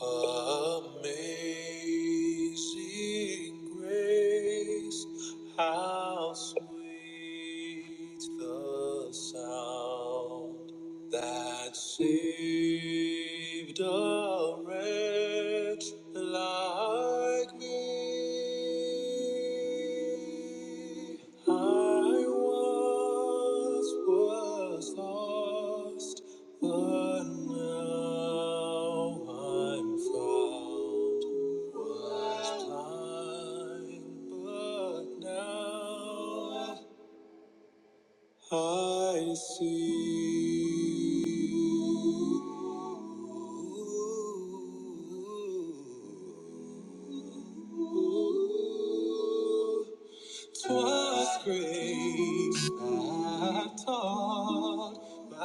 Amazing grace, how sweet the sound that saved a wretch like me. I once was lost, but now I'm found. Was blind, but now. I see. 'Twas grace that taught my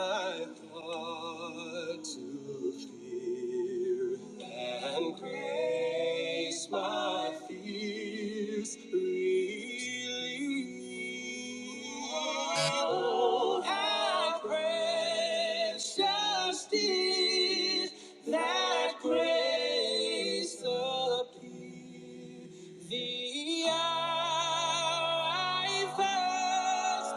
heart to fear, and grace my fears relieved. Oh, how precious did that grace appear! The eye first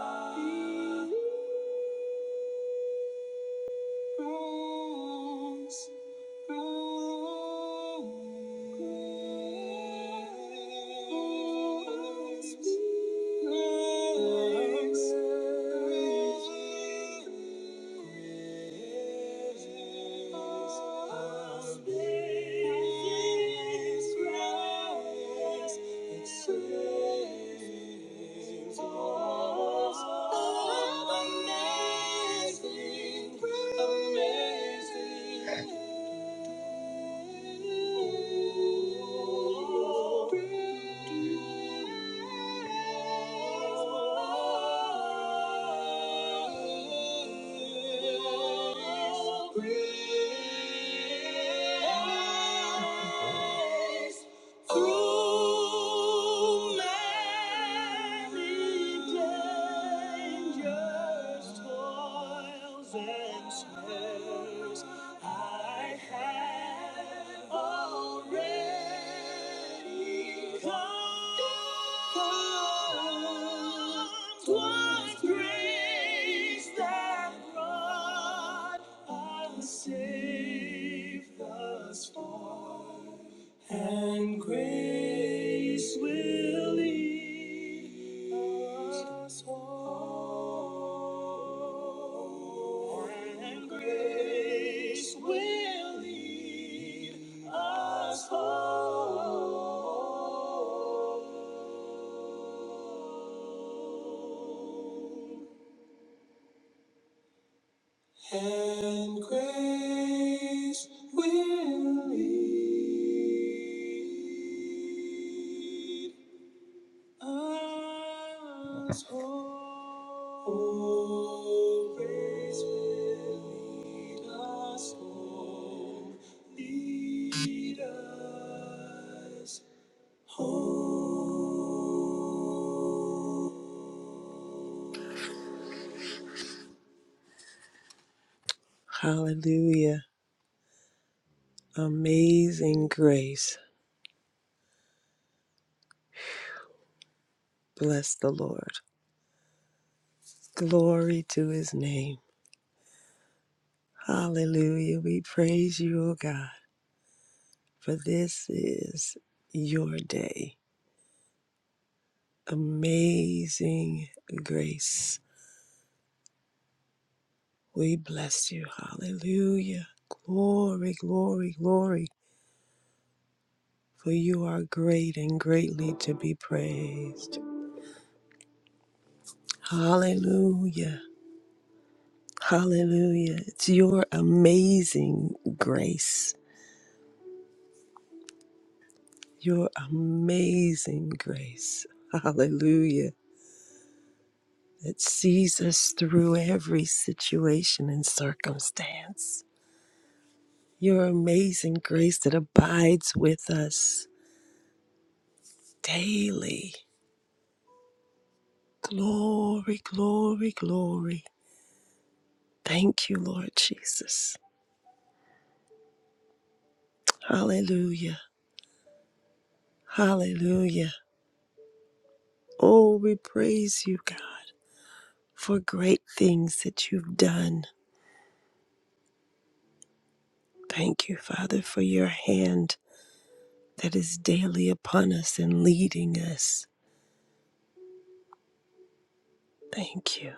beholds Amazing, amazing grace. Through many dangers, toils, and snares, I have already come. 'Twas grace that brought us safe thus far. And grace will lead us home. And grace will lead us home. And grace will lead Eyes always will lead us home, lead us home. Hallelujah. Amazing grace. Bless the Lord. Glory to his name. Hallelujah. We praise you, O God, for this is your day. Amazing grace. We bless you. Hallelujah. Glory, glory, glory. For you are great and greatly to be praised. Hallelujah. Hallelujah. It's your amazing grace. Your amazing grace. Hallelujah. That sees us through every situation and circumstance. Your amazing grace that abides with us daily. Glory, glory, glory. Thank you, Lord Jesus. Hallelujah. Hallelujah. Oh, we praise you, God, for great things that you've done. Thank you, Father, for your hand that is daily upon us and leading us. Thank you.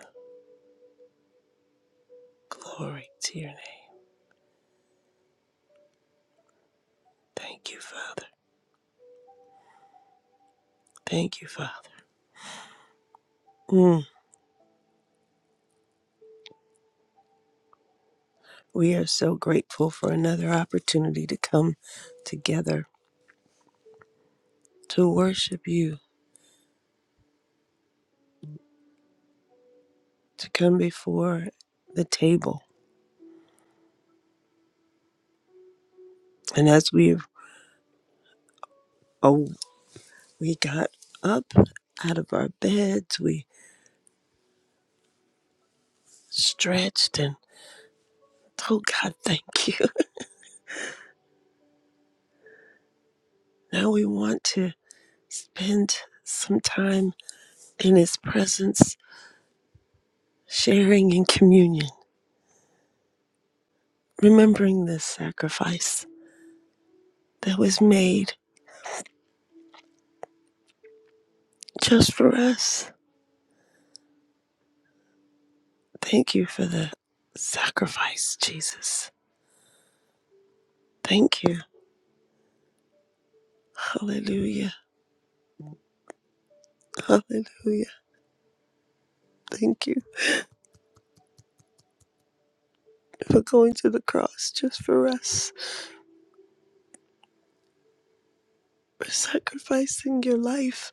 Glory to your name. Thank you, Father. Thank you, Father. Mm. We are so grateful for another opportunity to come together to worship you to come before the table. And as we oh we got up out of our beds, we stretched and told God thank you. Now we want to spend some time in his presence sharing in communion, remembering this sacrifice that was made just for us. Thank you for the sacrifice, Jesus. Thank you. Hallelujah. Hallelujah. Thank you. for going to the cross just for us, for sacrificing your life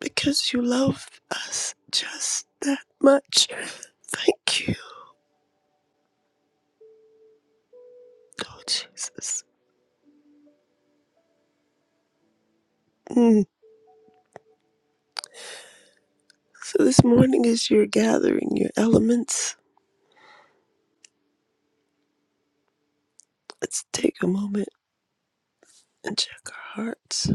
because you love us just that much. Thank you, Lord Jesus. Mm. So this morning, as you're gathering your elements, let's take a moment and check our hearts.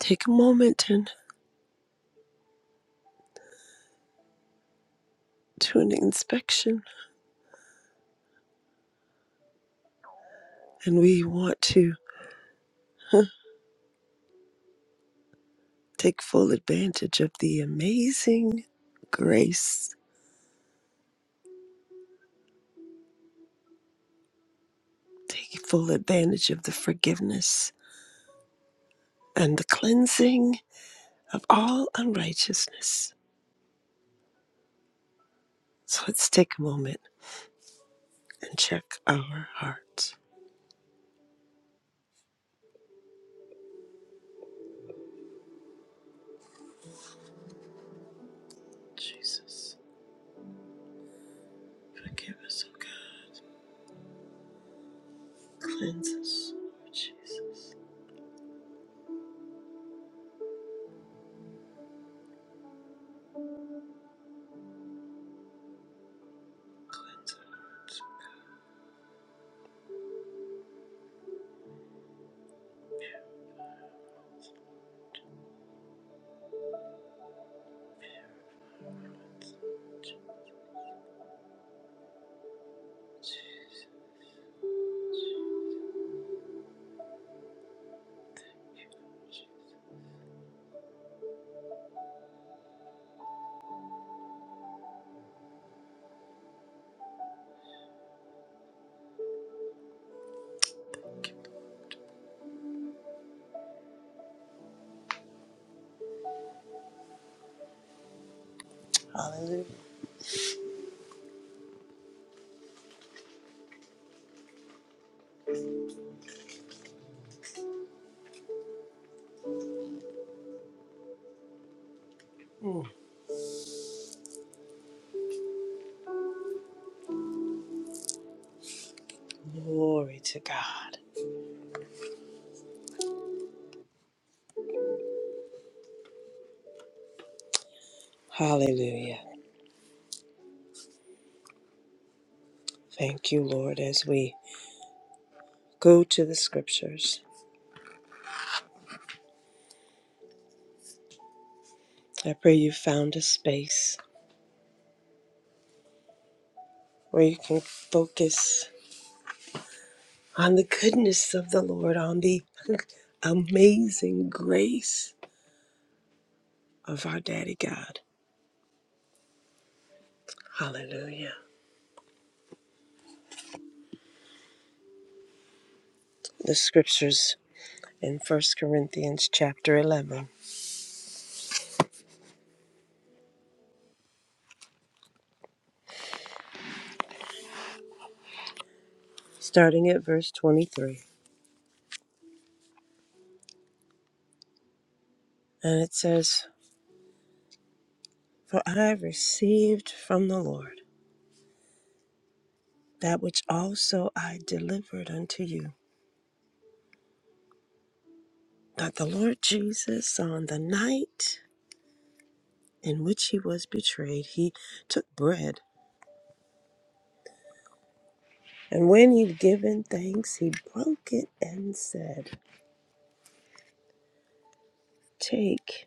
Take a moment and do an inspection, and we want to huh, take full advantage of the amazing grace. Take full advantage of the forgiveness and the cleansing of all unrighteousness. So let's take a moment and check our hearts. Jesus, forgive us, O God. Cleanse us, Lord Jesus. Cleanse our hearts. Hallelujah. Glory to God. Hallelujah. Thank you, Lord, as we go to the scriptures. I pray you found a space where you can focus on the goodness of the Lord, on the amazing grace of our Daddy God. Hallelujah. The scriptures in First Corinthians chapter 11, starting at verse 23. And it says, For I received from the Lord that which also I delivered unto you, that the Lord Jesus, on the night in which he was betrayed, he took bread. And when he'd given thanks, he broke it and said, Take,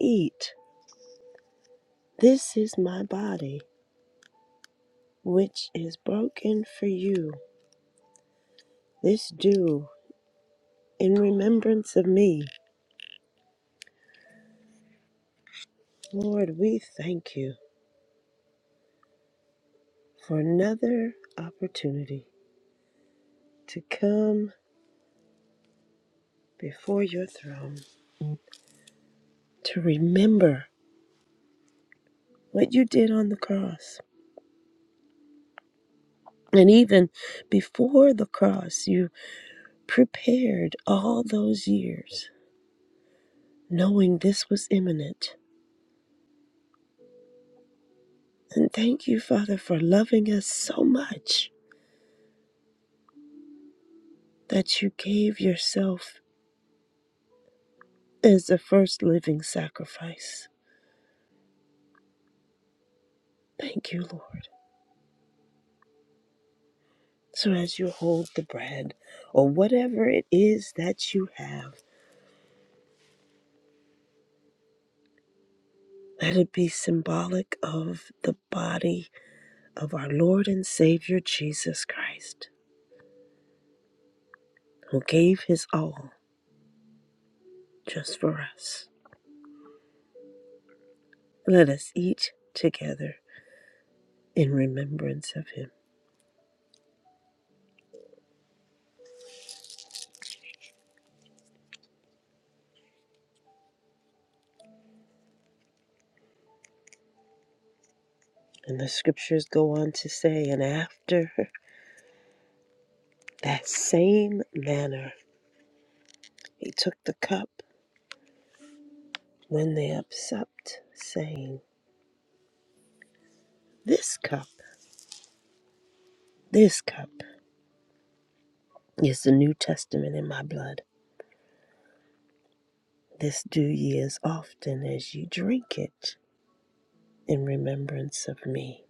eat. This is my body, which is broken for you. This do in remembrance of me. Lord, we thank you for another opportunity to come before your throne, to remember what you did on the cross. And even before the cross, you prepared all those years, knowing this was imminent. And thank you, Father, for loving us so much that you gave yourself as a first living sacrifice. Thank you, Lord. So as you hold the bread or whatever it is that you have, let it be symbolic of the body of our Lord and Savior Jesus Christ, who gave his all just for us. Let us eat together in remembrance of him. And the scriptures go on to say, and after that same manner, he took the cup when they upset, saying, This cup, this cup is the New Testament in my blood. This do ye as often as ye drink it in remembrance of me.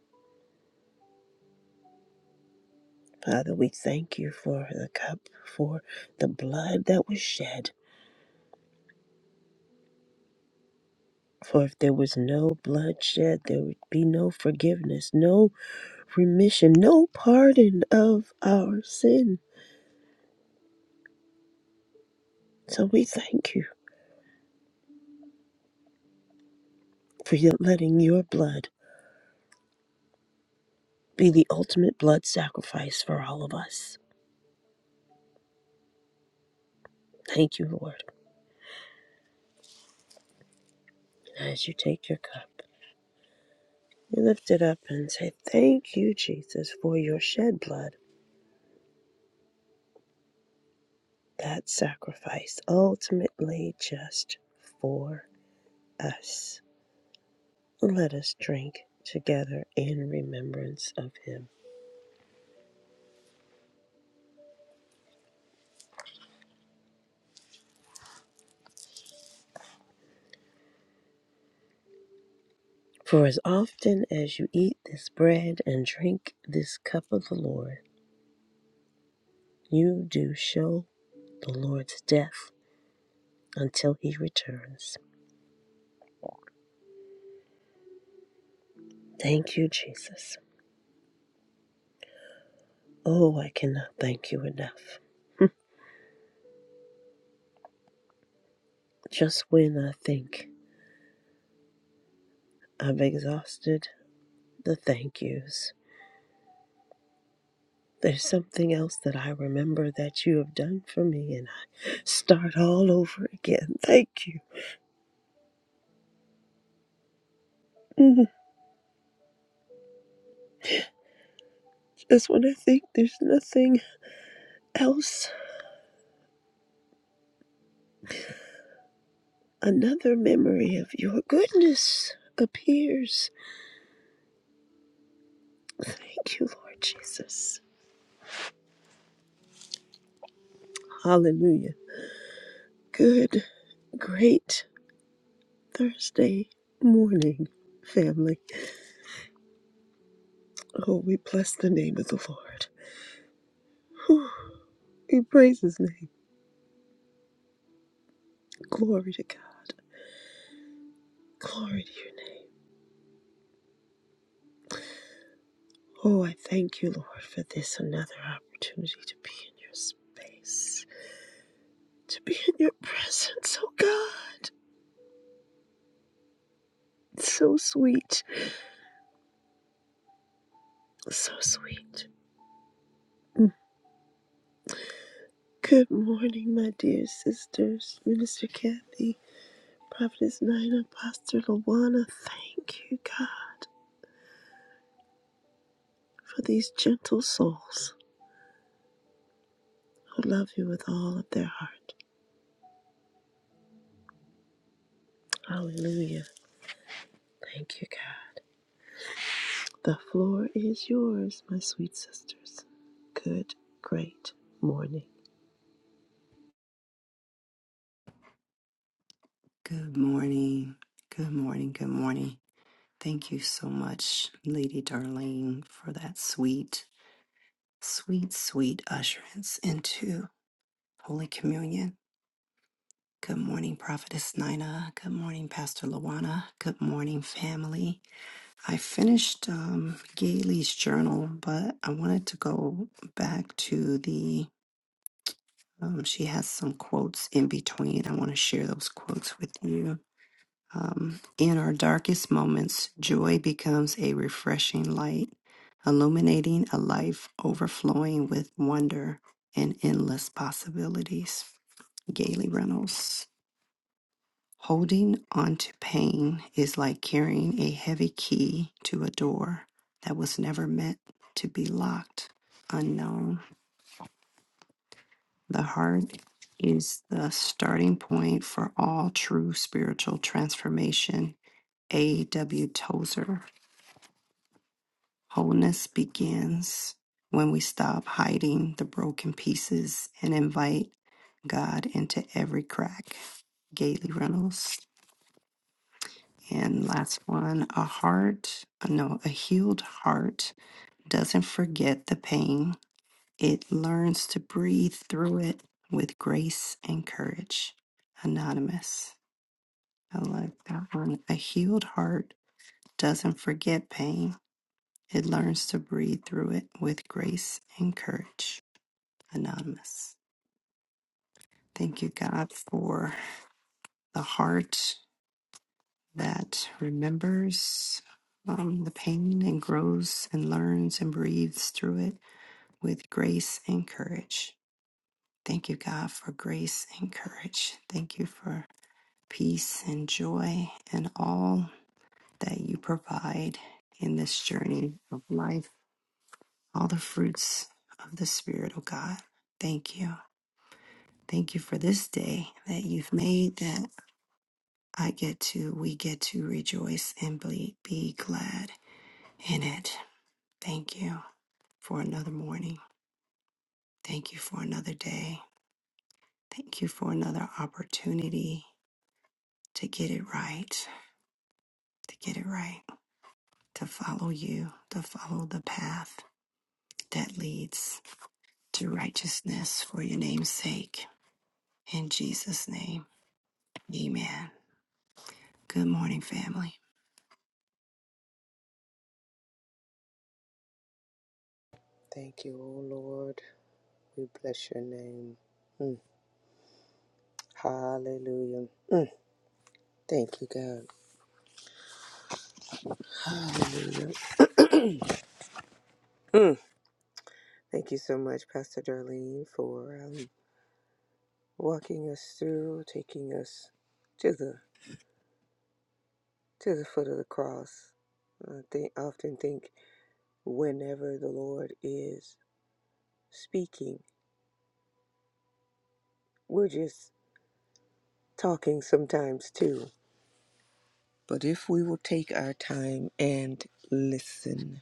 Father, we thank you for the cup, for the blood that was shed. For if there was no blood shed, there would be no forgiveness, no remission, no pardon of our sin. So we thank you for your- letting your blood be the ultimate blood sacrifice for all of us. Thank you, Lord. As you take your cup, you lift it up and say, Thank you, Jesus, for your shed blood, that sacrifice ultimately just for us. Let us drink together in remembrance of him. For as often as you eat this bread and drink this cup of the Lord, you do show the Lord's death until he returns. Thank you, Jesus. Oh, I cannot thank you enough. Just when I think I've exhausted the thank yous, there's something else that I remember that you have done for me and I start all over again. Thank you. Mm, Just when I think there's nothing else, another memory of your goodness appears. Thank you, Lord Jesus. Hallelujah. Good, great Thursday morning, family. Oh, we bless the name of the Lord. Whew. We praise his name. Glory to God. Glory to your name. Oh, I thank you, Lord, for this another opportunity to be in your space, to be in your presence, oh God. So sweet. So sweet. Mm. Good morning, my dear sisters. Minister Kathy, Prophetess Nina, Pastor Lawana, thank you, God, for these gentle souls who love you with all of their heart Hallelujah. Thank you, God. The floor is yours, my sweet sisters. Good, great morning. Good morning. Good morning. Good morning. Thank you so much, Lady Darlene, for that sweet, sweet, sweet usherance into Holy Communion. Good morning, Prophetess Nina. Good morning, Pastor Lawana. Good morning, family. I finished um, Gailey's journal, but I wanted to go back to the. Um, she has some quotes in between. I want to share those quotes with you. Um, in our darkest moments, joy becomes a refreshing light, illuminating a life overflowing with wonder and endless possibilities. Gaily Reynolds. Holding on to pain is like carrying a heavy key to a door that was never meant to be locked. Unknown. The heart is the starting point for all true spiritual transformation. A.W. Tozer. Wholeness begins when we stop hiding the broken pieces and invite God into every crack. Gailey Reynolds. And last one, a heart, no, a healed heart doesn't forget the pain. It learns to breathe through it with grace and courage. Anonymous. I like that one. A healed heart doesn't forget pain. It learns to breathe through it with grace and courage. anonymous. Thank you, God, for the heart that remembers um, the pain and grows and learns and breathes through it with grace and courage. Thank you, God, for grace and courage. Thank you for peace and joy and all that you provide in this journey of life, all the fruits of the Spirit, oh God. Thank you. Thank you for this day that you've made that I get to, we get to rejoice and be, be glad in it. Thank you for another morning. Thank you for another day. Thank you for another opportunity to get it right, to get it right, to follow you, to follow the path that leads to righteousness for your name's sake. In Jesus' name, amen. Good morning, family. Thank you, O Lord. We bless your name. Mm, Hallelujah. Thank you, God. Thank you so much, Pastor Darlene, for um, walking us through, taking us to the to the foot of the cross. I think, often think whenever the Lord is speaking, we're just talking sometimes too. But if we will take our time and listen,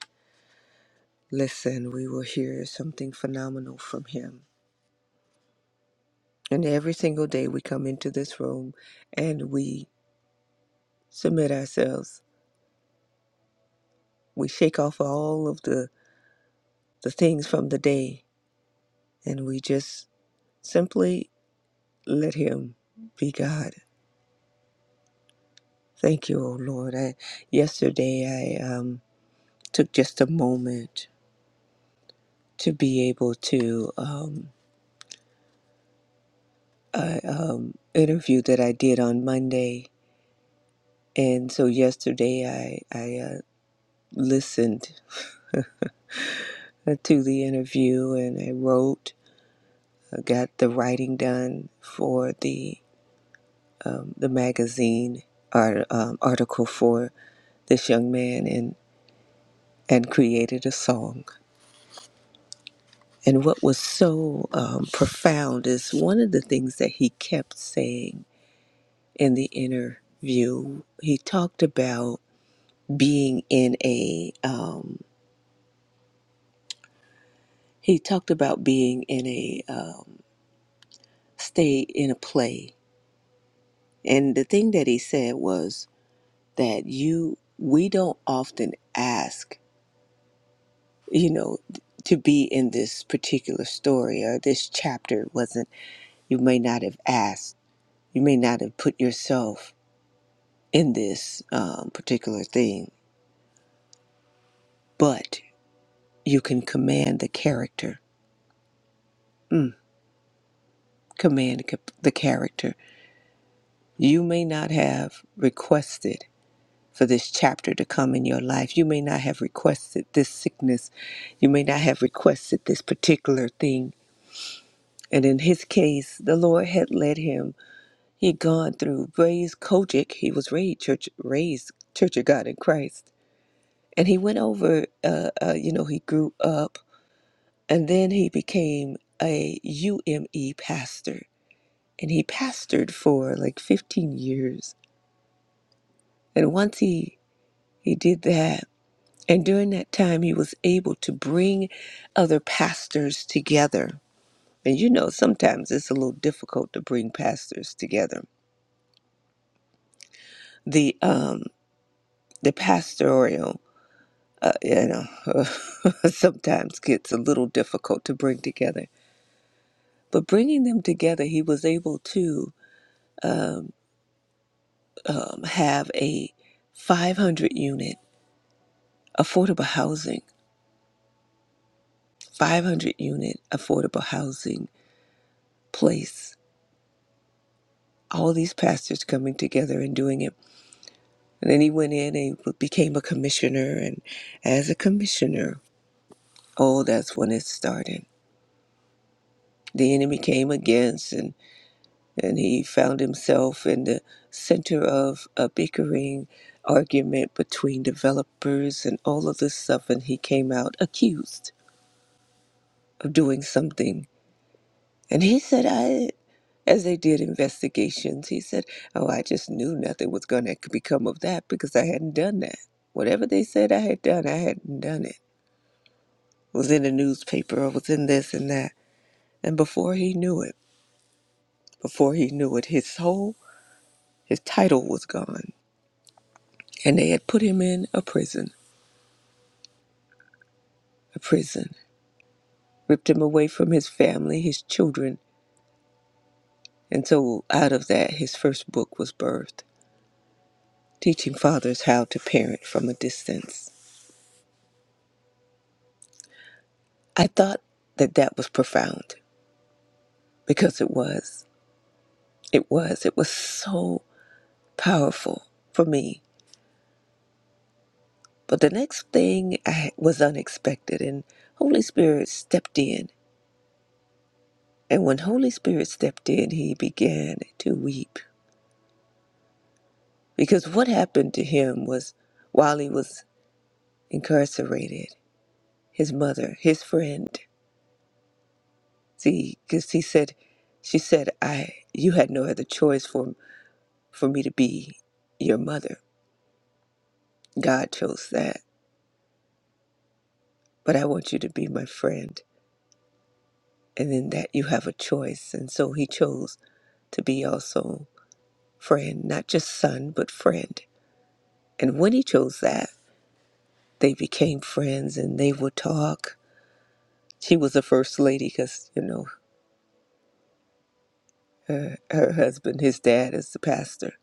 listen, we will hear something phenomenal from Him And every single day we come into this room and we submit ourselves. We shake off all of the, the things from the day and we just simply let Him be God. Thank you, O Lord. I, yesterday I um, took just a moment to be able to um, I, um, interview that I did on Monday. And so yesterday I, I uh, listened to the interview and I wrote got the writing done for the um, the magazine art, um, article for this young man and and created a song. And what was so um, profound is one of the things that he kept saying in the interview. He talked about being in a um, he talked about being in a um, stay in a play. And the thing that he said was that you we don't often ask you know to be in this particular story or this chapter wasn't you may not have asked you may not have put yourself in this um, particular thing but you can command the character mm, command c- the character you may not have requested for this chapter to come in your life you may not have requested this sickness you may not have requested this particular thing and in his case the lord had led him He'd gone through raised Kojic. He was raised church, raised Church of God in Christ, and he went over. Uh, uh, you know, he grew up, and then he became a UME pastor, and he pastored for like 15 years. And once he he did that, and during that time, he was able to bring other pastors together. And you know, sometimes it's a little difficult to bring pastors together. The um the pastoral. uh, you know, sometimes gets a little difficult to bring together. But bringing them together, he was able to um, um, have a 500 unit affordable housing, 500 unit affordable housing place. All these pastors coming together and doing it. And then he went in and he became a commissioner. And as a commissioner, oh, that's when it started. The enemy came against and. and he found himself in the center of a bickering argument between developers and all of this stuff and he came out accused of doing something and he said i as they did investigations he said oh i just knew nothing was going to become of that because i hadn't done that whatever they said i had done i hadn't done it It was in the newspaper I was in this and that and before he knew it before he knew it his whole his title was gone and they had put him in a prison, a prison, ripped him away from his family, his children, and so out of that, his first book was birthed, teaching fathers how to parent from a distance. I thought that that was profound because it was. It was. It was so powerful for me. But the next thing I, was unexpected, and Holy Spirit stepped in. And when Holy Spirit stepped in, he began to weep Because what happened to him was while he was incarcerated, his mother, his friend, see, because he said, she said, I, you had no other choice for, for me to be your mother. God chose that, but I want you to be my friend. And in that you have a choice. And so he chose to be also friend, not just son, but friend. And when he chose that, they became friends and they would talk. She was the first lady because, you know, Her, her husband, his dad, is the pastor.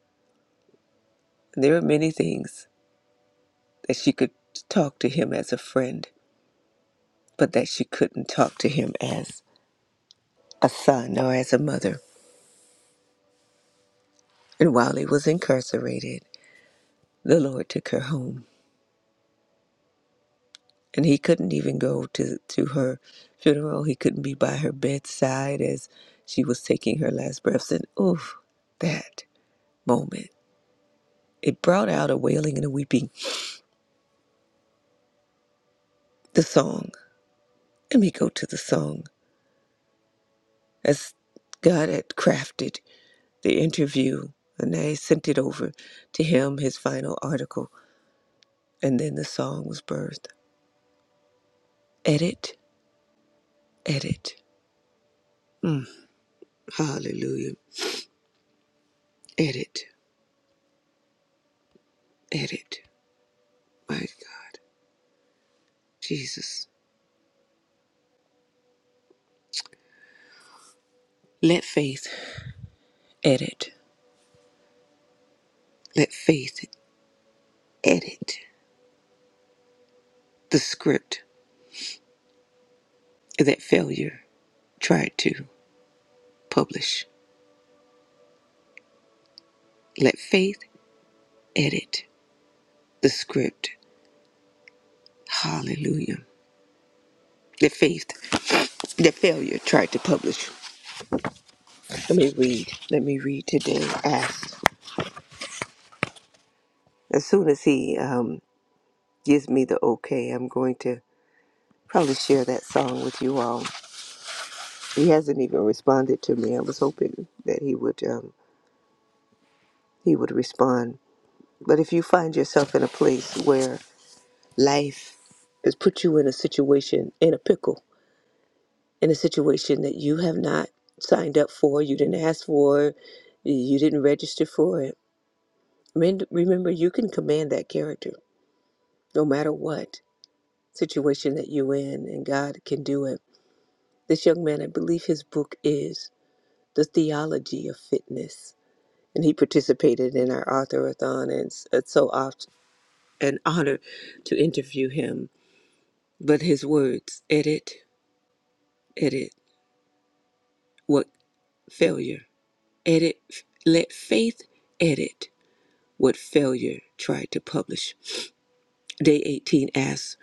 And there are many things that she could talk to him as a friend, but that she couldn't talk to him as a son or as a mother. And while he was incarcerated, the Lord took her home. And he couldn't even go to, to her funeral. He couldn't be by her bedside as she was taking her last breaths. And oof, that moment. It brought out a wailing and a weeping. The song. Let me go to the song. As God had crafted the interview, and I sent it over to him, his final article, and then the song was birthed. Edit, edit. Mm, hallelujah. Edit, edit. My God, Jesus. Let faith edit. Let faith edit the script that failure tried to publish. Let faith edit the script. Hallelujah. That faith, that failure tried to publish. Let me read. Let me read today. Ask. As soon as he um, gives me the okay, I'm going to probably share that song with you all. He hasn't even responded to me. I was hoping that he would um, he would respond. But if you find yourself in a place where life has put you in a situation in a pickle, in a situation that you have not signed up for, you didn't ask for, you didn't register for it. remem- Remember, you can command that character no matter what situation that you're in, and God can do it. This young man, I believe his book is The Theology of Fitness, and he participated in our authorathon, and it's, it's so oft an honor to interview him. But his words, edit, edit, what failure, edit, f- let faith edit what failure tried to publish. Day 18 asks,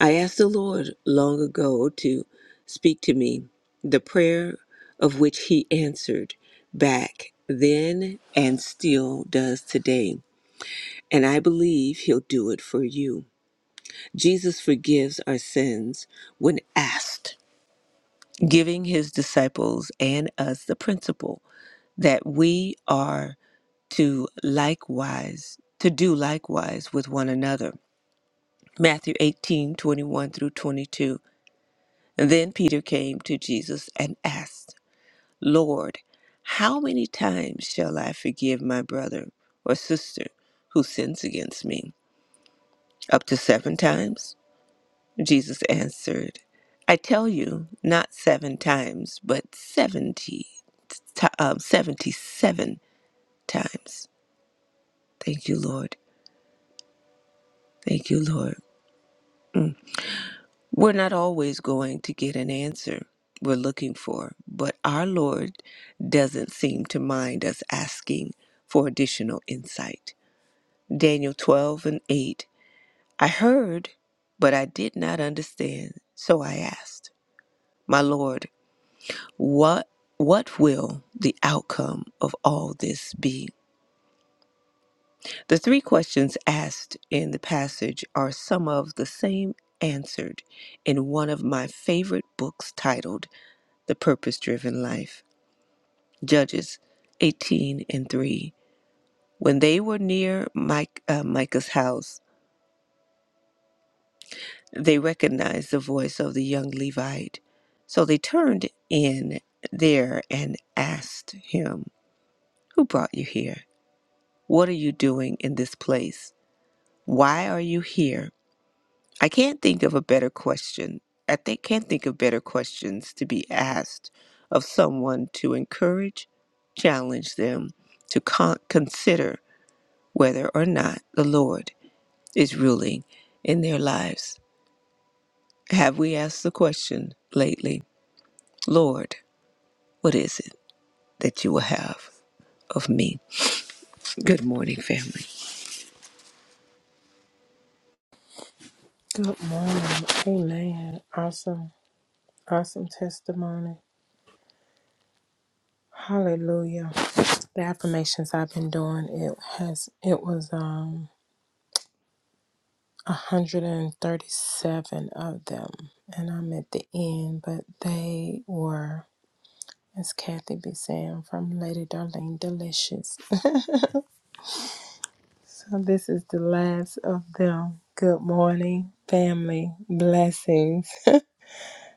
I asked the Lord long ago to speak to me, the prayer of which he answered back then and still does today. And I believe he'll do it for you. Jesus forgives our sins when asked, giving his disciples and us the principle that we are to likewise, to do likewise with one another. Matthew 18 21 through 22. Then Peter came to Jesus and asked, Lord, how many times shall I forgive my brother or sister who sins against me? Up to seven times? Jesus answered, I tell you, not seven times, but seventy, ti- um, 77 times. Thank you, Lord. Thank you, Lord. We're not always going to get an answer we're looking for, but our Lord doesn't seem to mind us asking for additional insight. Daniel 12 and 8 I heard, but I did not understand, so I asked, My Lord, what what will the outcome of all this be? The three questions asked in the passage are some of the same answered in one of my favorite books titled the purpose driven life. Judges 18 and 3. When they were near Mike, uh, Micah's house, they recognized the voice of the young Levite. So they turned in there and asked him, Who brought you here? What are you doing in this place? Why are you here? I can't think of a better question. I think, can't think of better questions to be asked of someone to encourage, challenge them, to con- consider whether or not the Lord is ruling in their lives. Have we asked the question lately, Lord, what is it that you will have of me? Good morning, family. Good morning. Amen. Awesome. Awesome testimony. Hallelujah. The affirmations I've been doing, it has it was um 137 of them. And I'm at the end, but they were, as Kathy be saying, from Lady Darlene Delicious. So this is the last of them. Good morning, family. Blessings.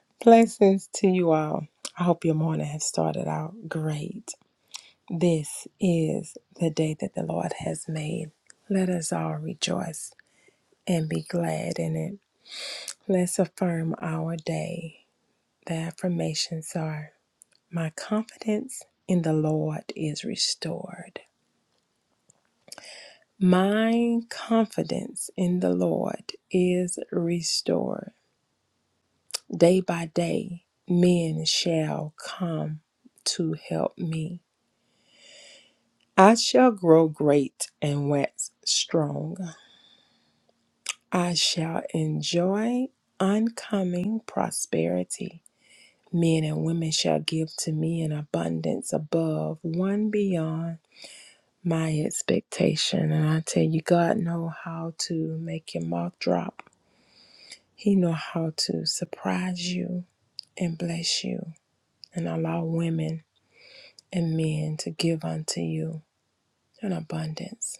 Blessings to you all. I hope your morning has started out great. This is the day that the Lord has made. Let us all rejoice and be glad in it. Let's affirm our day. The affirmations are My confidence in the Lord is restored. My confidence in the Lord is restored. Day by day, men shall come to help me. I shall grow great and wax strong. I shall enjoy oncoming prosperity. Men and women shall give to me in abundance above, one beyond my expectation. And I tell you, God know how to make your mouth drop. He know how to surprise you and bless you and allow women and men to give unto you in abundance.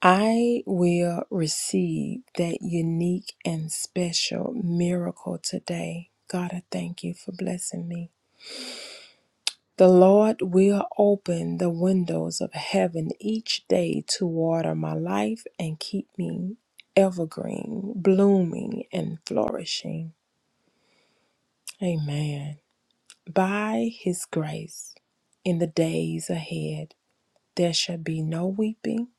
I will receive that unique and special miracle today. God, I thank you for blessing me. The Lord will open the windows of heaven each day to water my life and keep me evergreen, blooming, and flourishing. Amen. By his grace, in the days ahead, there shall be no weeping,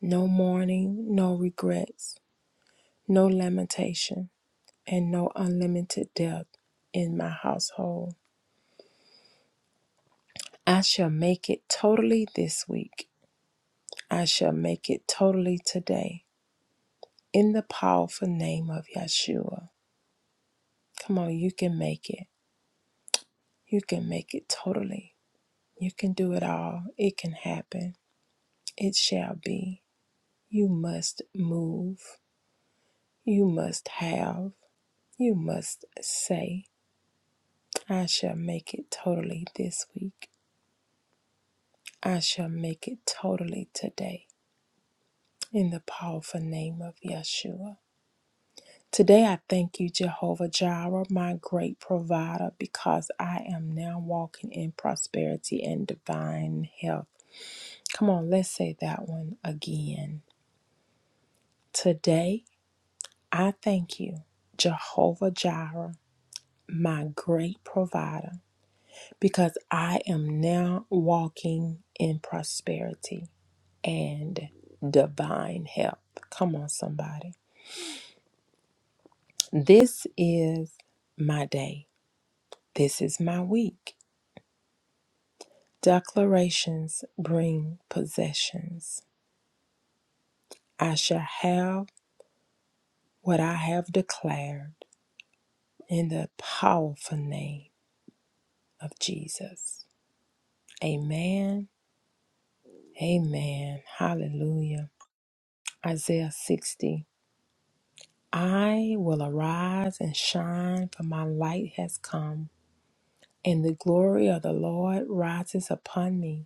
no mourning, no regrets, no lamentation and no unlimited debt in my household. I shall make it totally this week. I shall make it totally today. In the powerful name of Yeshua. Come on, you can make it. You can make it totally. You can do it all. It can happen. It shall be. You must move. You must have. You must say, I shall make it totally this week. I shall make it totally today in the powerful name of Yeshua. Today I thank you, Jehovah Jireh, my great provider, because I am now walking in prosperity and divine health. Come on, let's say that one again. Today I thank you, Jehovah Jireh, my great provider, because I am now walking in prosperity and divine health. Come on, somebody. This is my day. This is my week. Declarations bring possessions. I shall have what I have declared in the powerful name of Jesus. Amen. Amen. Hallelujah. Isaiah 60. I will arise and shine, for my light has come, and the glory of the Lord rises upon me.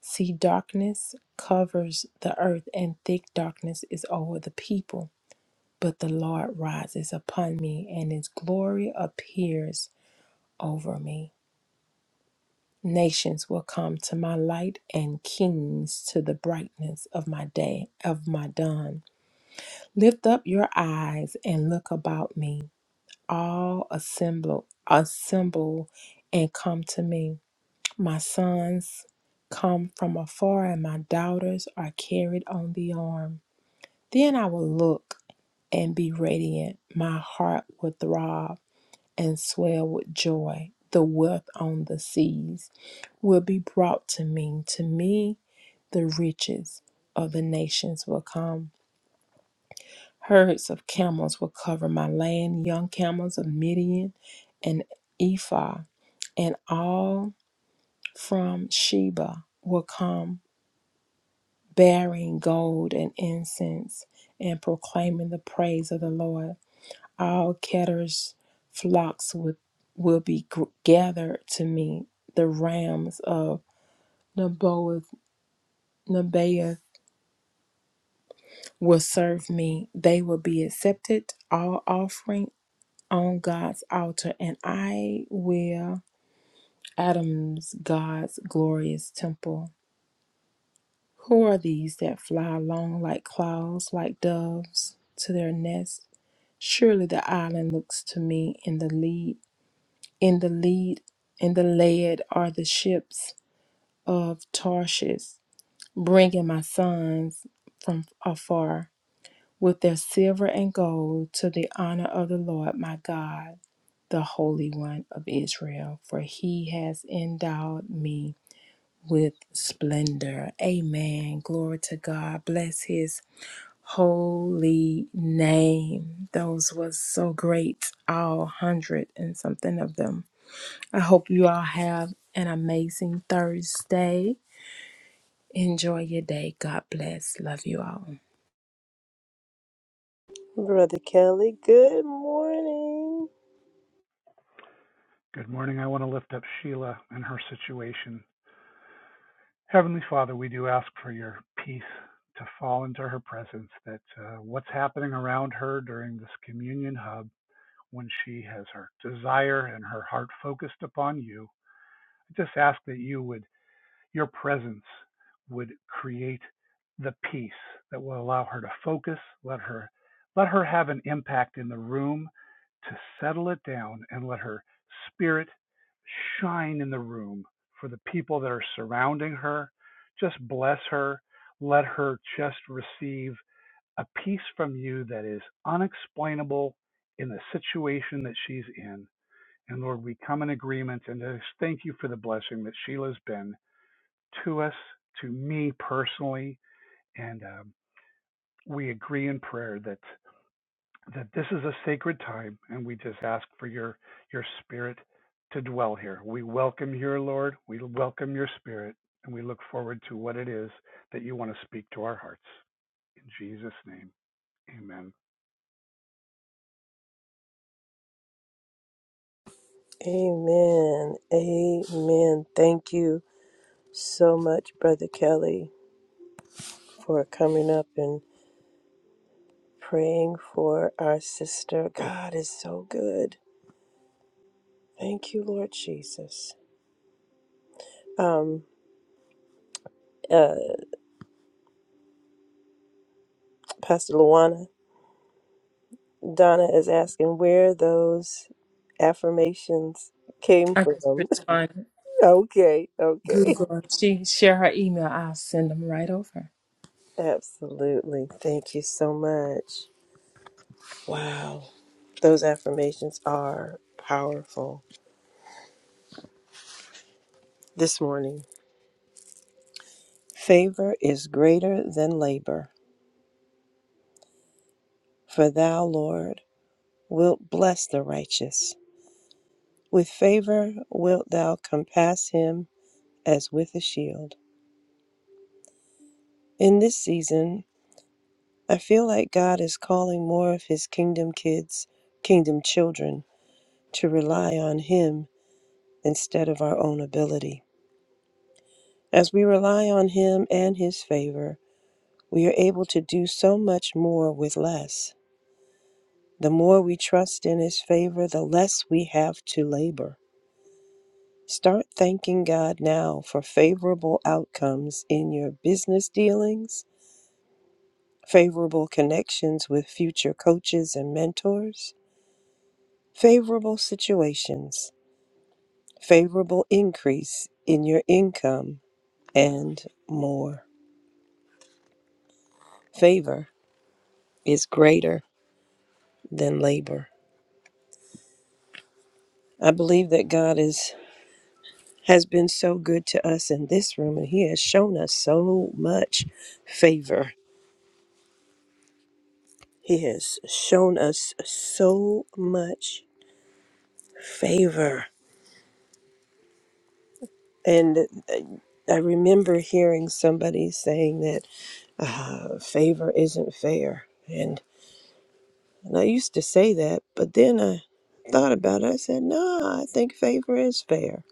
See, darkness covers the earth, and thick darkness is over the people. But the Lord rises upon me, and his glory appears over me. Nations will come to my light, and kings to the brightness of my day, of my dawn. Lift up your eyes and look about me. All assemble, assemble, and come to me. My sons come from afar, and my daughters are carried on the arm. Then I will look and be radiant. My heart will throb and swell with joy. The wealth on the seas will be brought to me. To me, the riches of the nations will come. Herds of camels will cover my land, young camels of Midian and Ephah, and all from Sheba will come bearing gold and incense and proclaiming the praise of the Lord. All Ketter's flocks would, will be gr- gathered to me. The rams of Naboth, Nebaioth will serve me. They will be accepted, all offering on God's altar, and I will Adam's God's glorious temple. Who are these that fly along like clouds, like doves to their nest? Surely the island looks to me in the lead, in the lead, in the lead are the ships of Tarshish, bringing my sons from afar with their silver and gold to the honor of the Lord my God, the Holy One of Israel, for he has endowed me with splendor. Amen. Glory to God. Bless his holy name. Those was so great, all hundred and something of them. I hope you all have an amazing Thursday. Enjoy your day. God bless. Love you all. Brother Kelly, good morning. Good morning. I want to lift up Sheila and her situation. Heavenly Father, we do ask for your peace to fall into her presence, that uh, what's happening around her during this communion hub, when she has her desire and her heart focused upon you, I just ask that you would your presence would create the peace that will allow her to focus, let her let her have an impact in the room to settle it down and let her spirit shine in the room for the people that are surrounding her. Just bless her. Let her just receive a peace from you that is unexplainable in the situation that she's in. And Lord, we come in agreement and just thank you for the blessing that Sheila's been to us, to me personally, and um, we agree in prayer that that this is a sacred time, and we just ask for your your spirit to dwell here. We welcome your Lord. We welcome your spirit, and we look forward to what it is that you want to speak to our hearts. In Jesus' name, Amen. Amen. Amen. Thank you so much, Brother Kelly, for coming up and praying for our sister. God is so good. Thank you, Lord Jesus. Um, uh, Pastor Luana. Donna is asking where those affirmations came I just from. responded. okay, okay. Google. She share her email. I'll send them right over. Absolutely. Thank you so much. Wow. Those affirmations are powerful. This morning, favor is greater than labor, for thou, Lord, wilt bless the righteous. With favor wilt thou compass him as with a shield. In this season, I feel like God is calling more of his kingdom kids, kingdom children, to rely on him instead of our own ability. As we rely on him and his favor, we are able to do so much more with less. The more we trust in his favor, the less we have to labor. Start thanking God now for favorable outcomes in your business dealings, favorable connections with future coaches and mentors, favorable situations favorable increase in your income, and more. Favor is greater than labor. I believe that God is has been so good to us in this room and he has shown us so much favor. He has shown us so much favor. And I remember hearing somebody saying that uh, favor isn't fair. and. And I used to say that, but then I thought about it. I said, no, I think favor is fair.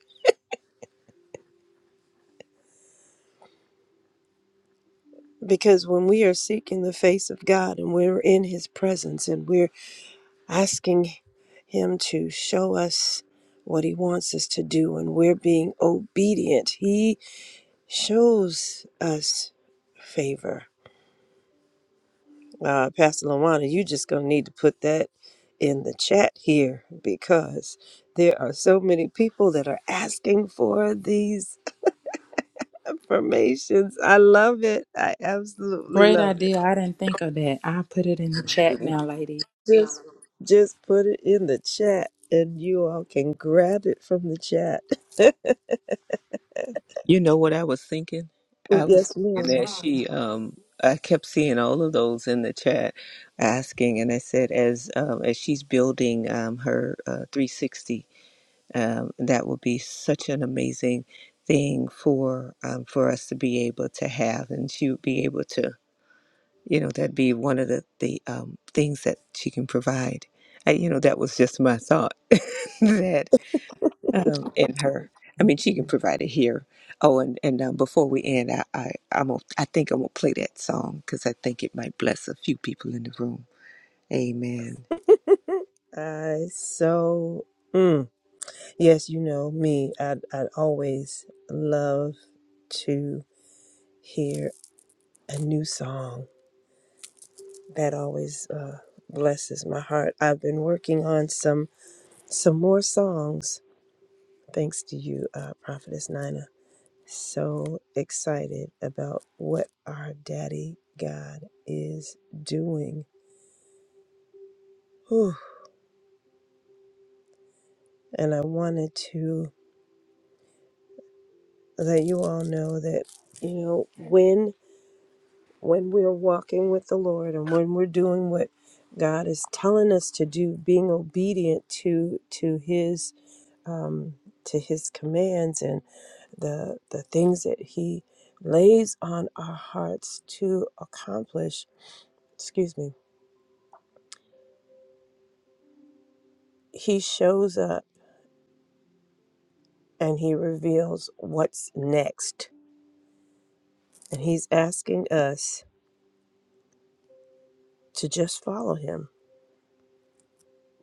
Because when we are seeking the face of God and we're in his presence and we're asking him to show us what he wants us to do and we're being obedient, he shows us favor. Uh, Pastor Lawana, you just going to need to put that in the chat here because there are so many people that are asking for these affirmations. I love it. I absolutely Great love it. idea. I didn't think of that. I'll put it in the chat now, lady. Just just put it in the chat and you all can grab it from the chat. You know what I was thinking? I was yes, thinking ma'am. that she, um, I kept seeing all of those in the chat asking, and I said, as um, as she's building um, her uh, 360, um, that will be such an amazing thing for um, for us to be able to have, and she would be able to you know that'd be one of the the um, things that she can provide I, you know that was just my thought that um, in her i mean she can provide it here oh and and um, before we end i i i'm gonna, i think i'm gonna play that song because i think it might bless a few people in the room amen I so mm, yes, you know me. I I'd I'd always love to hear a new song. That always uh, blesses my heart. I've been working on some some more songs thanks to you, uh, Prophetess Nina. So excited about what our daddy God is doing. Whew. And I wanted to let you all know that, you know, when when we're walking with the Lord and when we're doing what God is telling us to do, being obedient to to his um to his commands and the the things that he lays on our hearts to accomplish, excuse me, he shows up and he reveals what's next. And he's asking us to just follow him,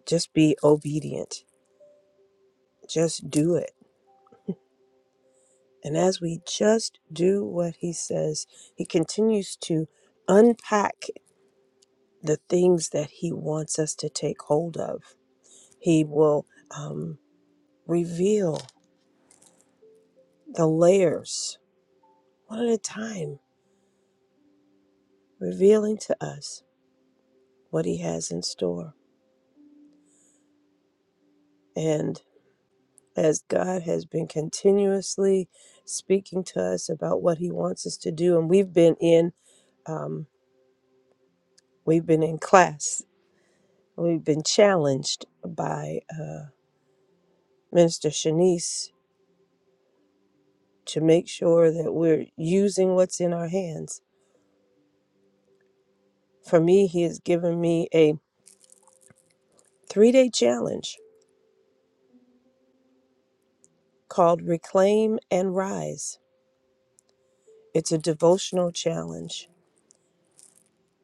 just be obedient, just do it. And as we just do what he says, he continues to unpack the things that he wants us to take hold of. He will um, reveal the layers one at a time, revealing to us what he has in store. And as God has been continuously speaking to us about what He wants us to do, and we've been in um, we've been in class, we've been challenged by uh, Minister Shanice to make sure that we're using what's in our hands. For me, He has given me a three day challenge called Reclaim and Rise. It's a devotional challenge,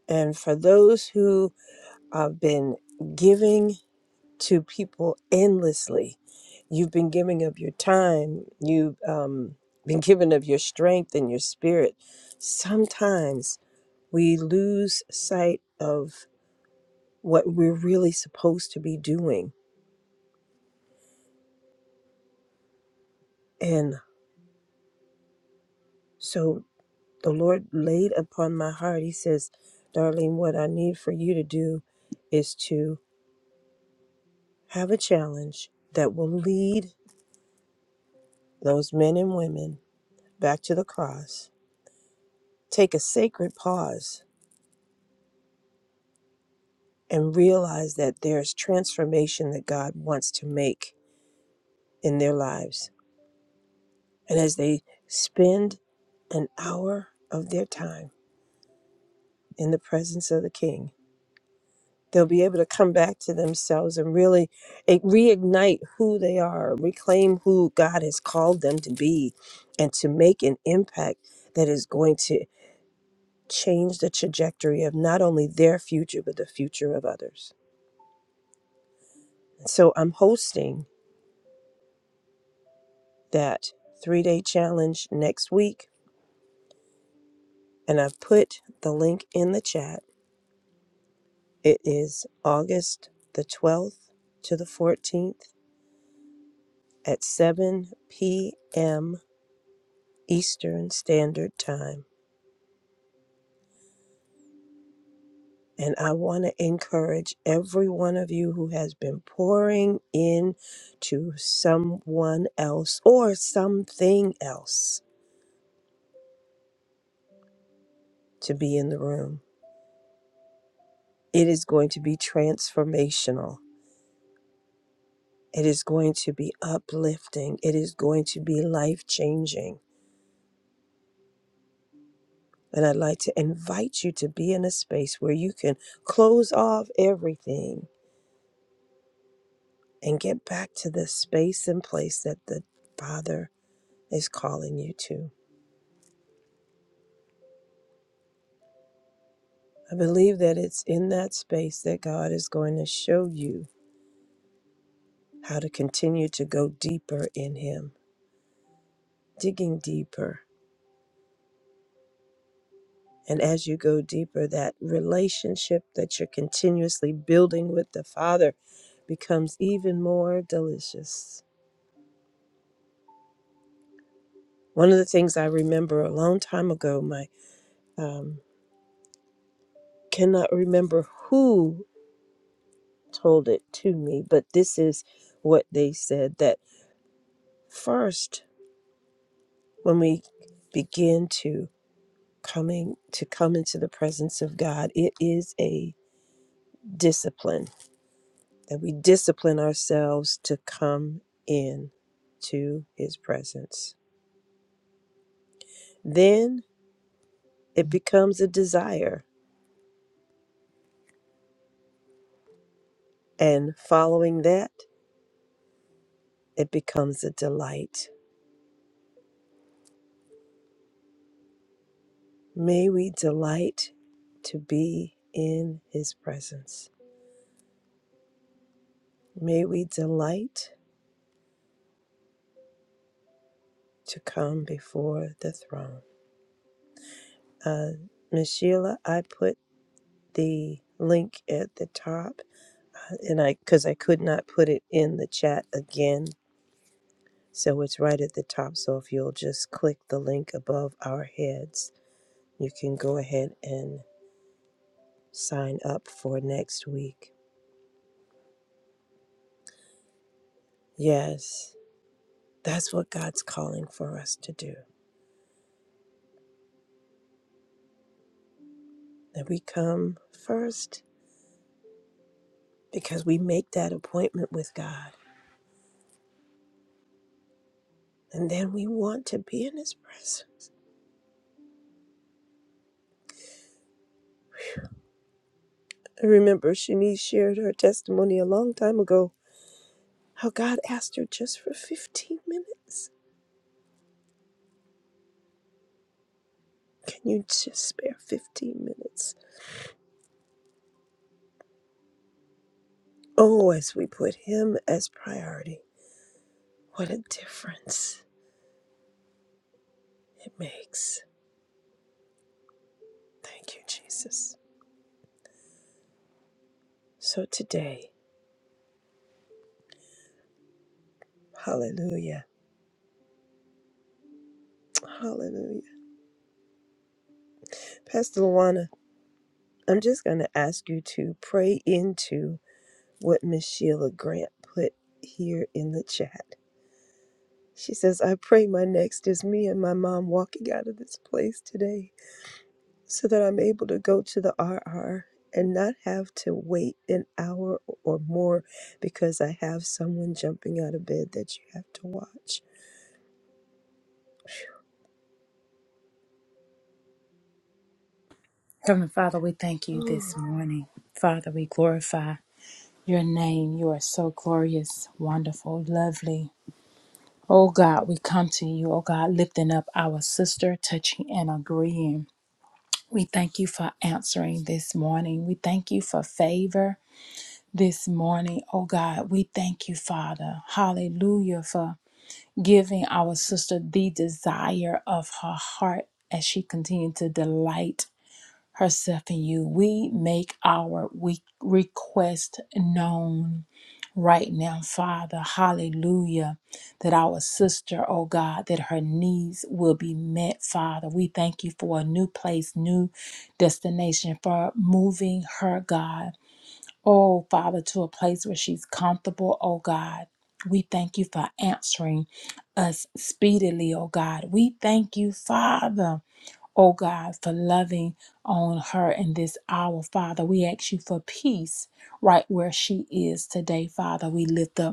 and for those who have been giving to people endlessly. You've been giving of your time, you've um, been giving of your strength and your spirit. Sometimes we lose sight of what we're really supposed to be doing. And so the Lord laid upon my heart, He says, "Darlene, what I need for you to do is to have a challenge that will lead those men and women back to the cross. Take a sacred pause and realize that there's transformation that God wants to make in their lives. And as they spend an hour of their time in the presence of the King, they'll be able to come back to themselves and really eh, reignite who they are, reclaim who God has called them to be, and to make an impact that is going to change the trajectory of not only their future, but the future of others. So I'm hosting that three day challenge next week. And I've put the link in the chat. It is August the 12th to the 14th at 7 p.m. Eastern Standard Time. And I want to encourage every one of you who has been pouring in to someone else or something else to be in the room. It is going to be transformational It is going to be uplifting. It is going to be life changing. And I'd like to invite you to be in a space where you can close off everything and get back to the space and place that the Father is calling you to. I believe that it's in that space that God is going to show you how to continue to go deeper in Him, digging deeper, And as you go deeper, that relationship that you're continuously building with the Father becomes even more delicious. One of the things I remember a long time ago, my um, cannot remember who told it to me, but this is what they said that first, when we begin to coming to come into the presence of God, it is a discipline that we discipline ourselves to come in to his presence. Then it becomes a desire, and following that, it becomes a delight. May we delight to be in his presence. May we delight to come before the throne. Uh, Miss Sheila, I put the link at the top, uh, and I because I could not put it in the chat again So it's right at the top. So if you'll just click the link above our heads, you can go ahead and sign up for next week. Yes, that's what God's calling for us to do. That we come first because we make that appointment with God. And then we want to be in His presence. I remember Shanice shared her testimony a long time ago how God asked her just for 15 minutes. Can you just spare 15 minutes? Oh, as we put Him as priority, what a difference it makes. Thank you, Jesus. So today, hallelujah, hallelujah. Pastor Luana, I'm just going to ask you to pray into what Miss Sheila Grant put here in the chat. She says, I pray my next is me and my mom walking out of this place today. so that I'm able to go to the RR and not have to wait an hour or more because I have someone jumping out of bed that you have to watch. Heavenly Father, we thank you Mm. this morning. Father, we glorify your name. You are so glorious, wonderful, lovely. Oh God, we come to you, oh God, lifting up our sister, touching and agreeing. We thank you for answering this morning. We thank you for favor this morning, oh God. We thank you, Father. Hallelujah, for giving our sister the desire of her heart as she continued to delight herself in you. We make our we request known right now, Father. Hallelujah. That our sister, oh God, that her needs will be met, Father. We thank you for a new place, new destination, for moving her, God. Oh, Father, to a place where she's comfortable, oh God. We thank you for answering us speedily, oh God. We thank you, Father oh God, for loving on her in this hour, Father. We ask you for peace right where she is today, Father. We lift up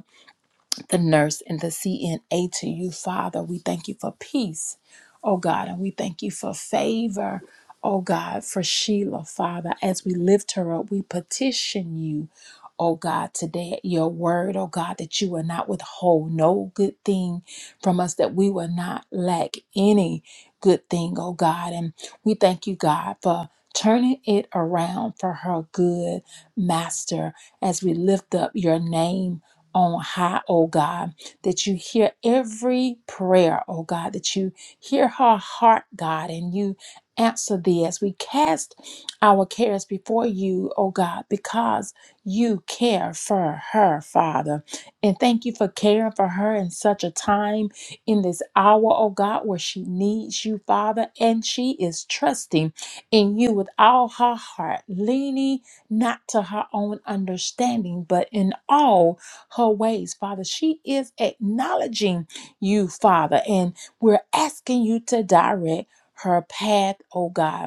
the nurse and the CNA to you, Father. We thank you for peace, oh God, and we thank you for favor, oh God, for Sheila, Father. As we lift her up, we petition you, oh God, today at your word, oh God, that you will not withhold no good thing from us, that we will not lack any good thing, oh God. And we thank you, God, for turning it around for her good master as we lift up your name on high, oh God, that you hear every prayer, oh God, that you hear her heart, God, and you answer thee as we cast our cares before you, oh God, because you care for her, Father. And thank you for caring for her in such a time in this hour, oh God, where she needs you, Father, and she is trusting in you with all her heart, leaning not to her own understanding, but in all her ways, Father. She is acknowledging you, Father, and we're asking you to direct her path, oh God.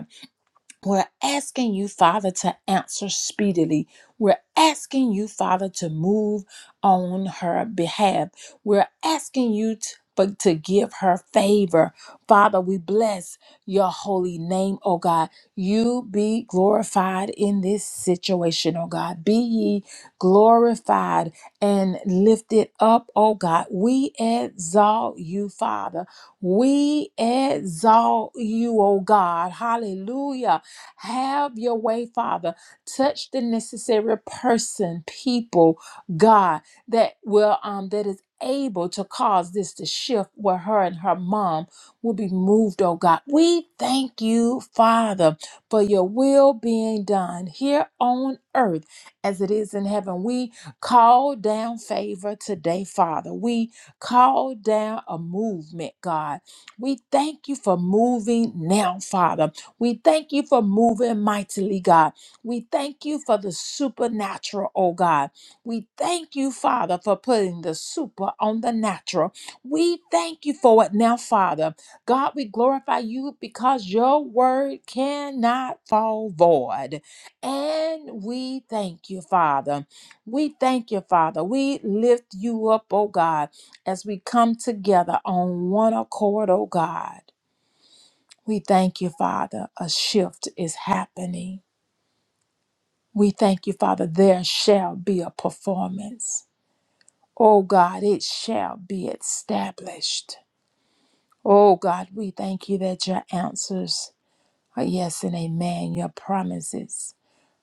We're asking you, Father, to answer speedily. We're asking you, Father, to move on her behalf. We're asking you to, for- to give her favor. Father, we bless your holy name, oh God. You be glorified in this situation, oh God. Be ye glorified and lifted up, oh God. We exalt you, Father. We exalt you, oh God. Hallelujah. Have your way, Father. Touch the necessary person, people, God, that will um that is able to cause this to shift where her and her mom will be moved, oh God. We thank you, Father, for your will being done here on earth as it is in heaven. We call down favor today, Father. We call down a movement, God. We thank you for moving now, Father. We thank you for moving mightily, God. We thank you for the supernatural, oh God. We thank you, Father, for putting the super on the natural. We thank you for it now, Father. God, we glorify you because your word cannot fall void. And we thank you, Father. We thank you, Father. We lift you up, oh God, as we come together on one accord, oh God. We thank you, Father, a shift is happening. We thank you, Father, there shall be a performance. Oh God, it shall be established. Oh God, we thank you that your answers are yes and amen. Your promises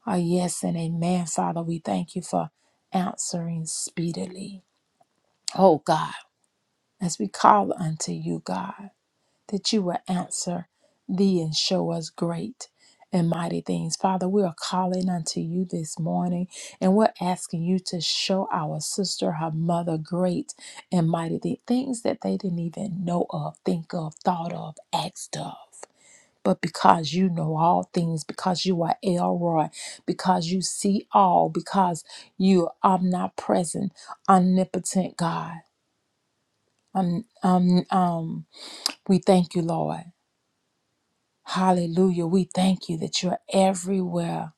are yes and amen, Father. We thank you for answering speedily. Oh God, as we call unto you, God. that you will answer thee and show us great and mighty things. Father, we are calling unto you this morning and we're asking you to show our sister, her mother, great and mighty things, things that they didn't even know of, think of, thought of, asked of. But because you know all things, because you are Elroy, because you see all, because you are omnipresent, omnipotent God. Um, um, um, we thank you, Lord. Hallelujah. We thank you that you're everywhere.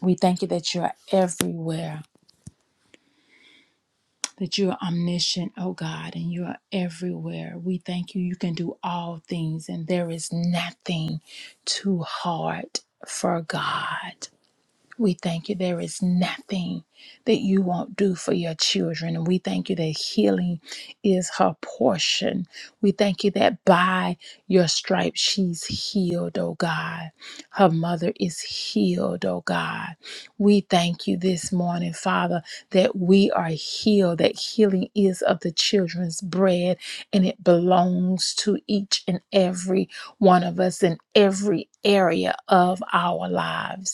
We thank you that you're everywhere, that you're omniscient, oh God, and you are everywhere. We thank you. You can do all things, and there is nothing too hard for God. We thank you. There is nothing that you won't do for your children. And we thank you that healing is her portion. We thank you that by your stripes she's healed, oh God. Her mother is healed, oh God. We thank you this morning, Father, that we are healed, that healing is of the children's bread and it belongs to each and every one of us in every area of our lives.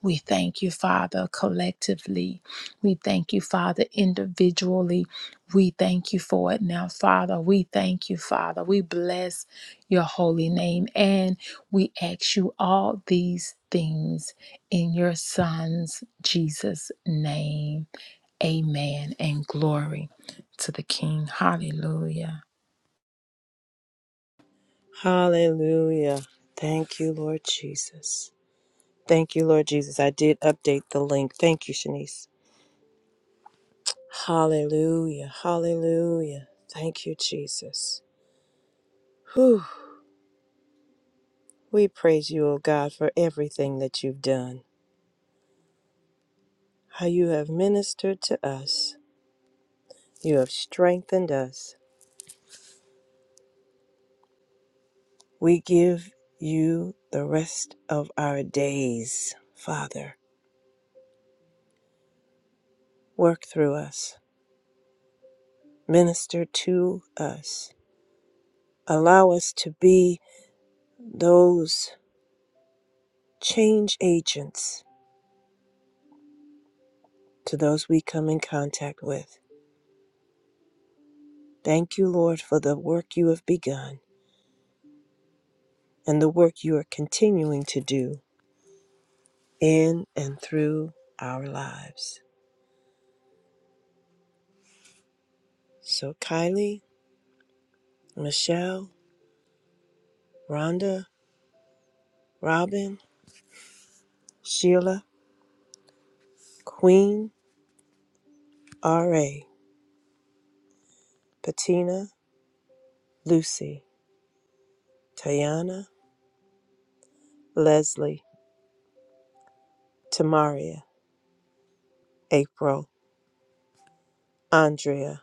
We thank you, Father, collectively. We thank you, Father, individually. We thank you for it now, Father. We thank you, Father. We bless your holy name and we ask you all these things in your Son's Jesus' name. Amen. And glory to the King. Hallelujah. Hallelujah. Thank you, Lord Jesus. Thank you, Lord Jesus. I did update the link. Thank you, Shanice. Hallelujah. Hallelujah. Thank you, Jesus. Whew. We praise you, O God, for everything that you've done, how you have ministered to us. You have strengthened us. We give you the rest of our days, Father. Work through us, minister to us. Allow us to be those change agents to those we come in contact with. Thank you, Lord, for the work you have begun and the work you are continuing to do in and through our lives. So, Kylie, Michelle, Rhonda, Robin, Sheila, Queen, R.A., Patina, Lucy, Tayana, Leslie, Tamaria, April, Andrea,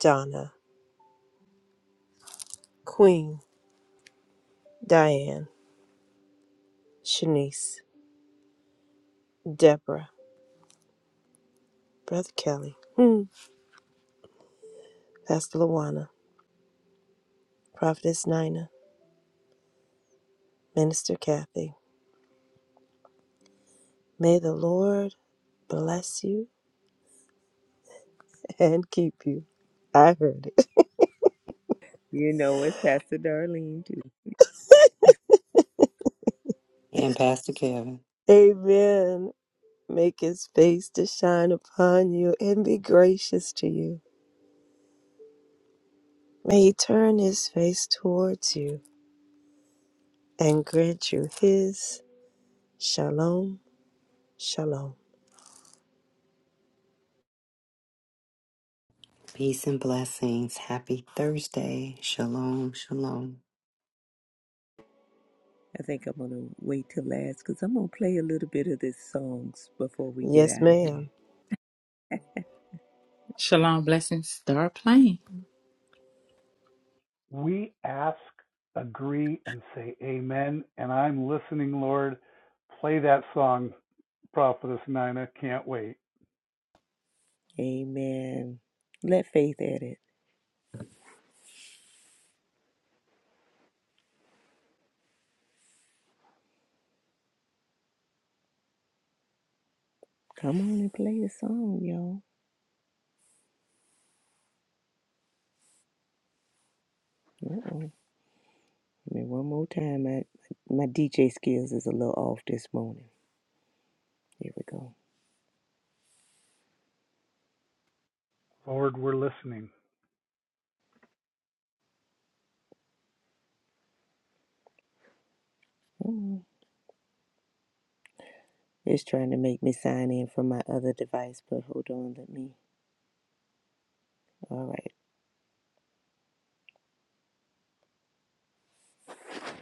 Donna, Queen, Diane, Shanice, Deborah, Brother Kelly, hmm, Pastor Luana. Prophetess Nina, Minister Kathy. May the Lord bless you and keep you. I heard it. you know it's pastor darlene too And Pastor Kevin. Amen. Make his face to shine upon you and be gracious to you. May he turn his face towards you and grant you his shalom, shalom. Peace and blessings. Happy Thursday. Shalom, shalom. i think i'm gonna wait till last because i'm gonna play a little bit of this songs before we get Yes, out of here ma'am. Shalom blessings. Start playing. We ask, agree, and say Amen. And I'm listening, Lord. Play that song, Prophetess Nina. Can't wait. amen let faith at it. come on and play a song y'all Uh-oh. Give me one more time. My, my DJ skills is a little off this morning. Here we go. Lord, we're listening. Come It's trying to make me sign in from my other device, but hold on, let me. All right,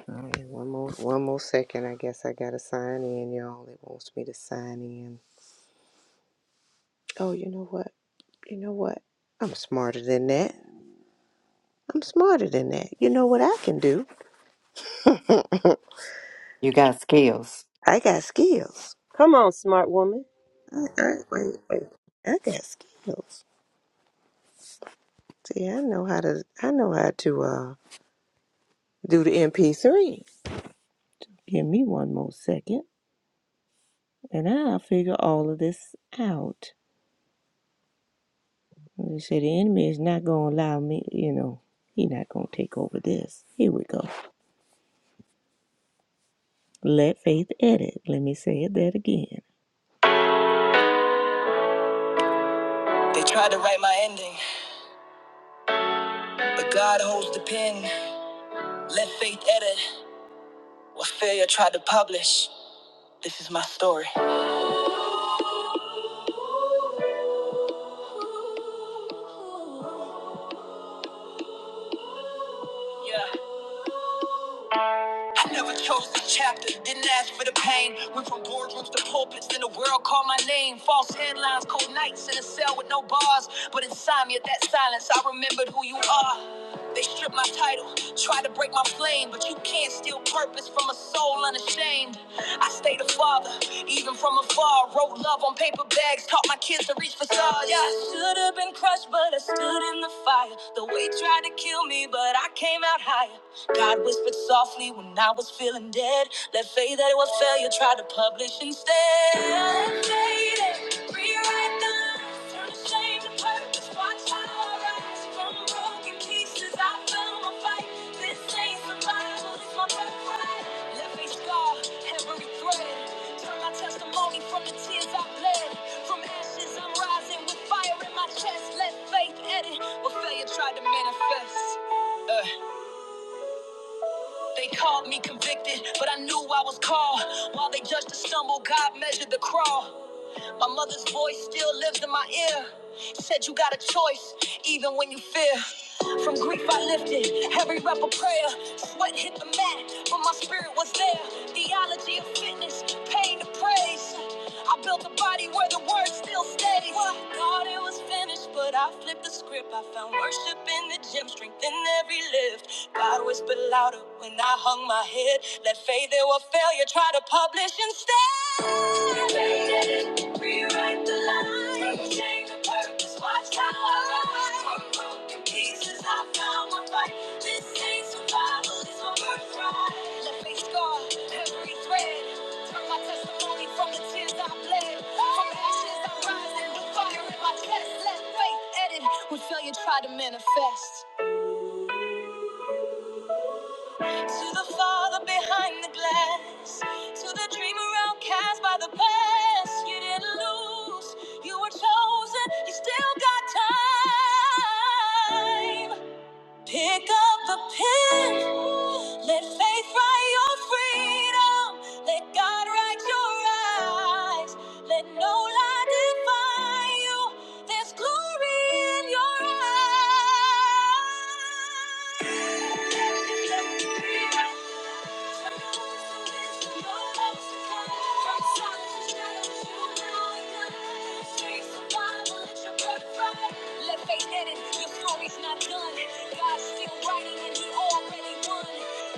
all right. One more, one more second. I guess I gotta sign in, y'all. It wants me to sign in. Oh, you know what? You know what? I'm smarter than that. I'm smarter than that. You know what I can do? I You got skills. got skills. Come on, smart woman. I, I, wait, wait. I got skills. See, I know how to I know how to uh do the MP3. Give me one more second and I'll figure all of this out. They say the enemy is not gonna allow me, you know, he not gonna take over this. Here we go. Let faith edit. Let me say it that again. They tried to write my ending, but God holds the pen. Let faith edit. What failure tried to publish. This is my story. Yeah. I never chose the chapter, didn't ask for the pain. Went from boardrooms to pulpits, then the world called my name. False headlines, cold nights in a cell with no bars. But inside me, that silence, I remembered who you are. They stripped my title, tried to break my flame, but you can't steal purpose from a soul unashamed. I stayed a father, even from afar. Wrote love on paper bags, taught my kids to reach for stars. Yeah, I should have been crushed, but I stood in the fire. The weight tried to kill me, but I came out higher. God whispered softly when I was feeling dead. Let faith that it was failure try to publish instead. Faded, rewrite the lines, turn the shame to purpose. Watch how I rise from broken pieces. I found my fight. This ain't survival, it's my birthright. Let me scar every thread. Turn my testimony from the tears I bled. From ashes, I'm rising with fire in my chest. Let faith edit what failure tried to manifest. Uh, they called me convicted, but I knew I was called. While they judged the stumble, God measured the crawl. My mother's voice still lives in my ear. Said you got a choice, even when you fear. From grief I lifted, every rep of prayer. Sweat hit the mat, but my spirit was there. Theology of fitness, pain to praise. I built a body where the word still stays. Well, thought it was finished, but I flipped the script. I found worship in the gym, strength in every lift. God whispered louder when I hung my head. Let faith or failure try to publish instead. You made it. Rewrite the lines, change the purpose, watch how I rise. From broken pieces, I found my fight. This ain't survival, it's my birthright. Let me scar every thread. Turn my testimony from the tears I bled. From ashes I rise and the fire in my chest. Let faith edit what failure tried to manifest. To the father behind the glass, to the dreamer outcast by the past, you didn't lose. You were chosen, you still got time. Pick up the pen. Let faith write your freedom. Let God write your eyes. Let no lie define you. There's glory in your eyes.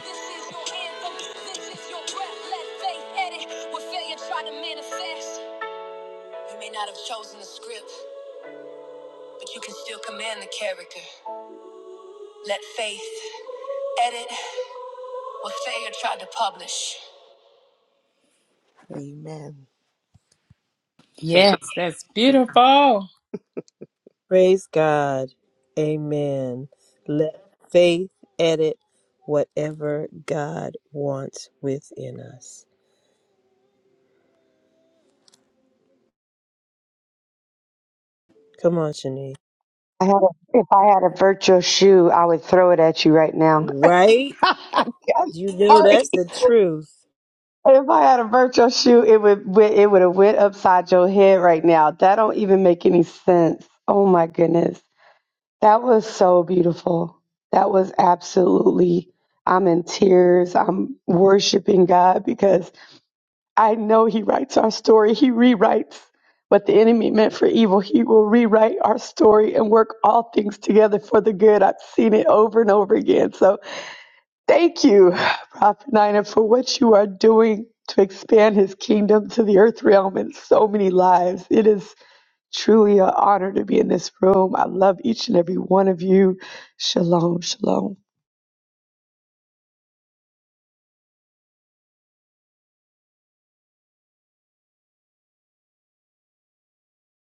This is your anthem, this is your breath. Let faith edit what failure try to manifest. You may not have chosen the script, but you can still command the character. Let faith edit what failure tried to publish. Amen. So, Yes, that's So, beautiful. Praise God. Amen. Let faith edit whatever God wants within us. Come on, Shanice. I had a, if I had a virtual shoe, I would throw it at you right now. Right? I'm You know sorry. that's the truth. If I had a virtual shoe, it would went- it would have went upside your head right now. That don't even make any sense. Oh my goodness, that was so beautiful. That was absolutely. I'm in tears. I'm worshiping God because I know He writes our story. He rewrites what the enemy meant for evil. He will rewrite our story and work all things together for the good. I've seen it over and over again. So thank you, Prophet Nina, for what you are doing to expand His kingdom to the earth realm and so many lives. It is truly an honor to be in this room. I love each and every one of you. Shalom, shalom.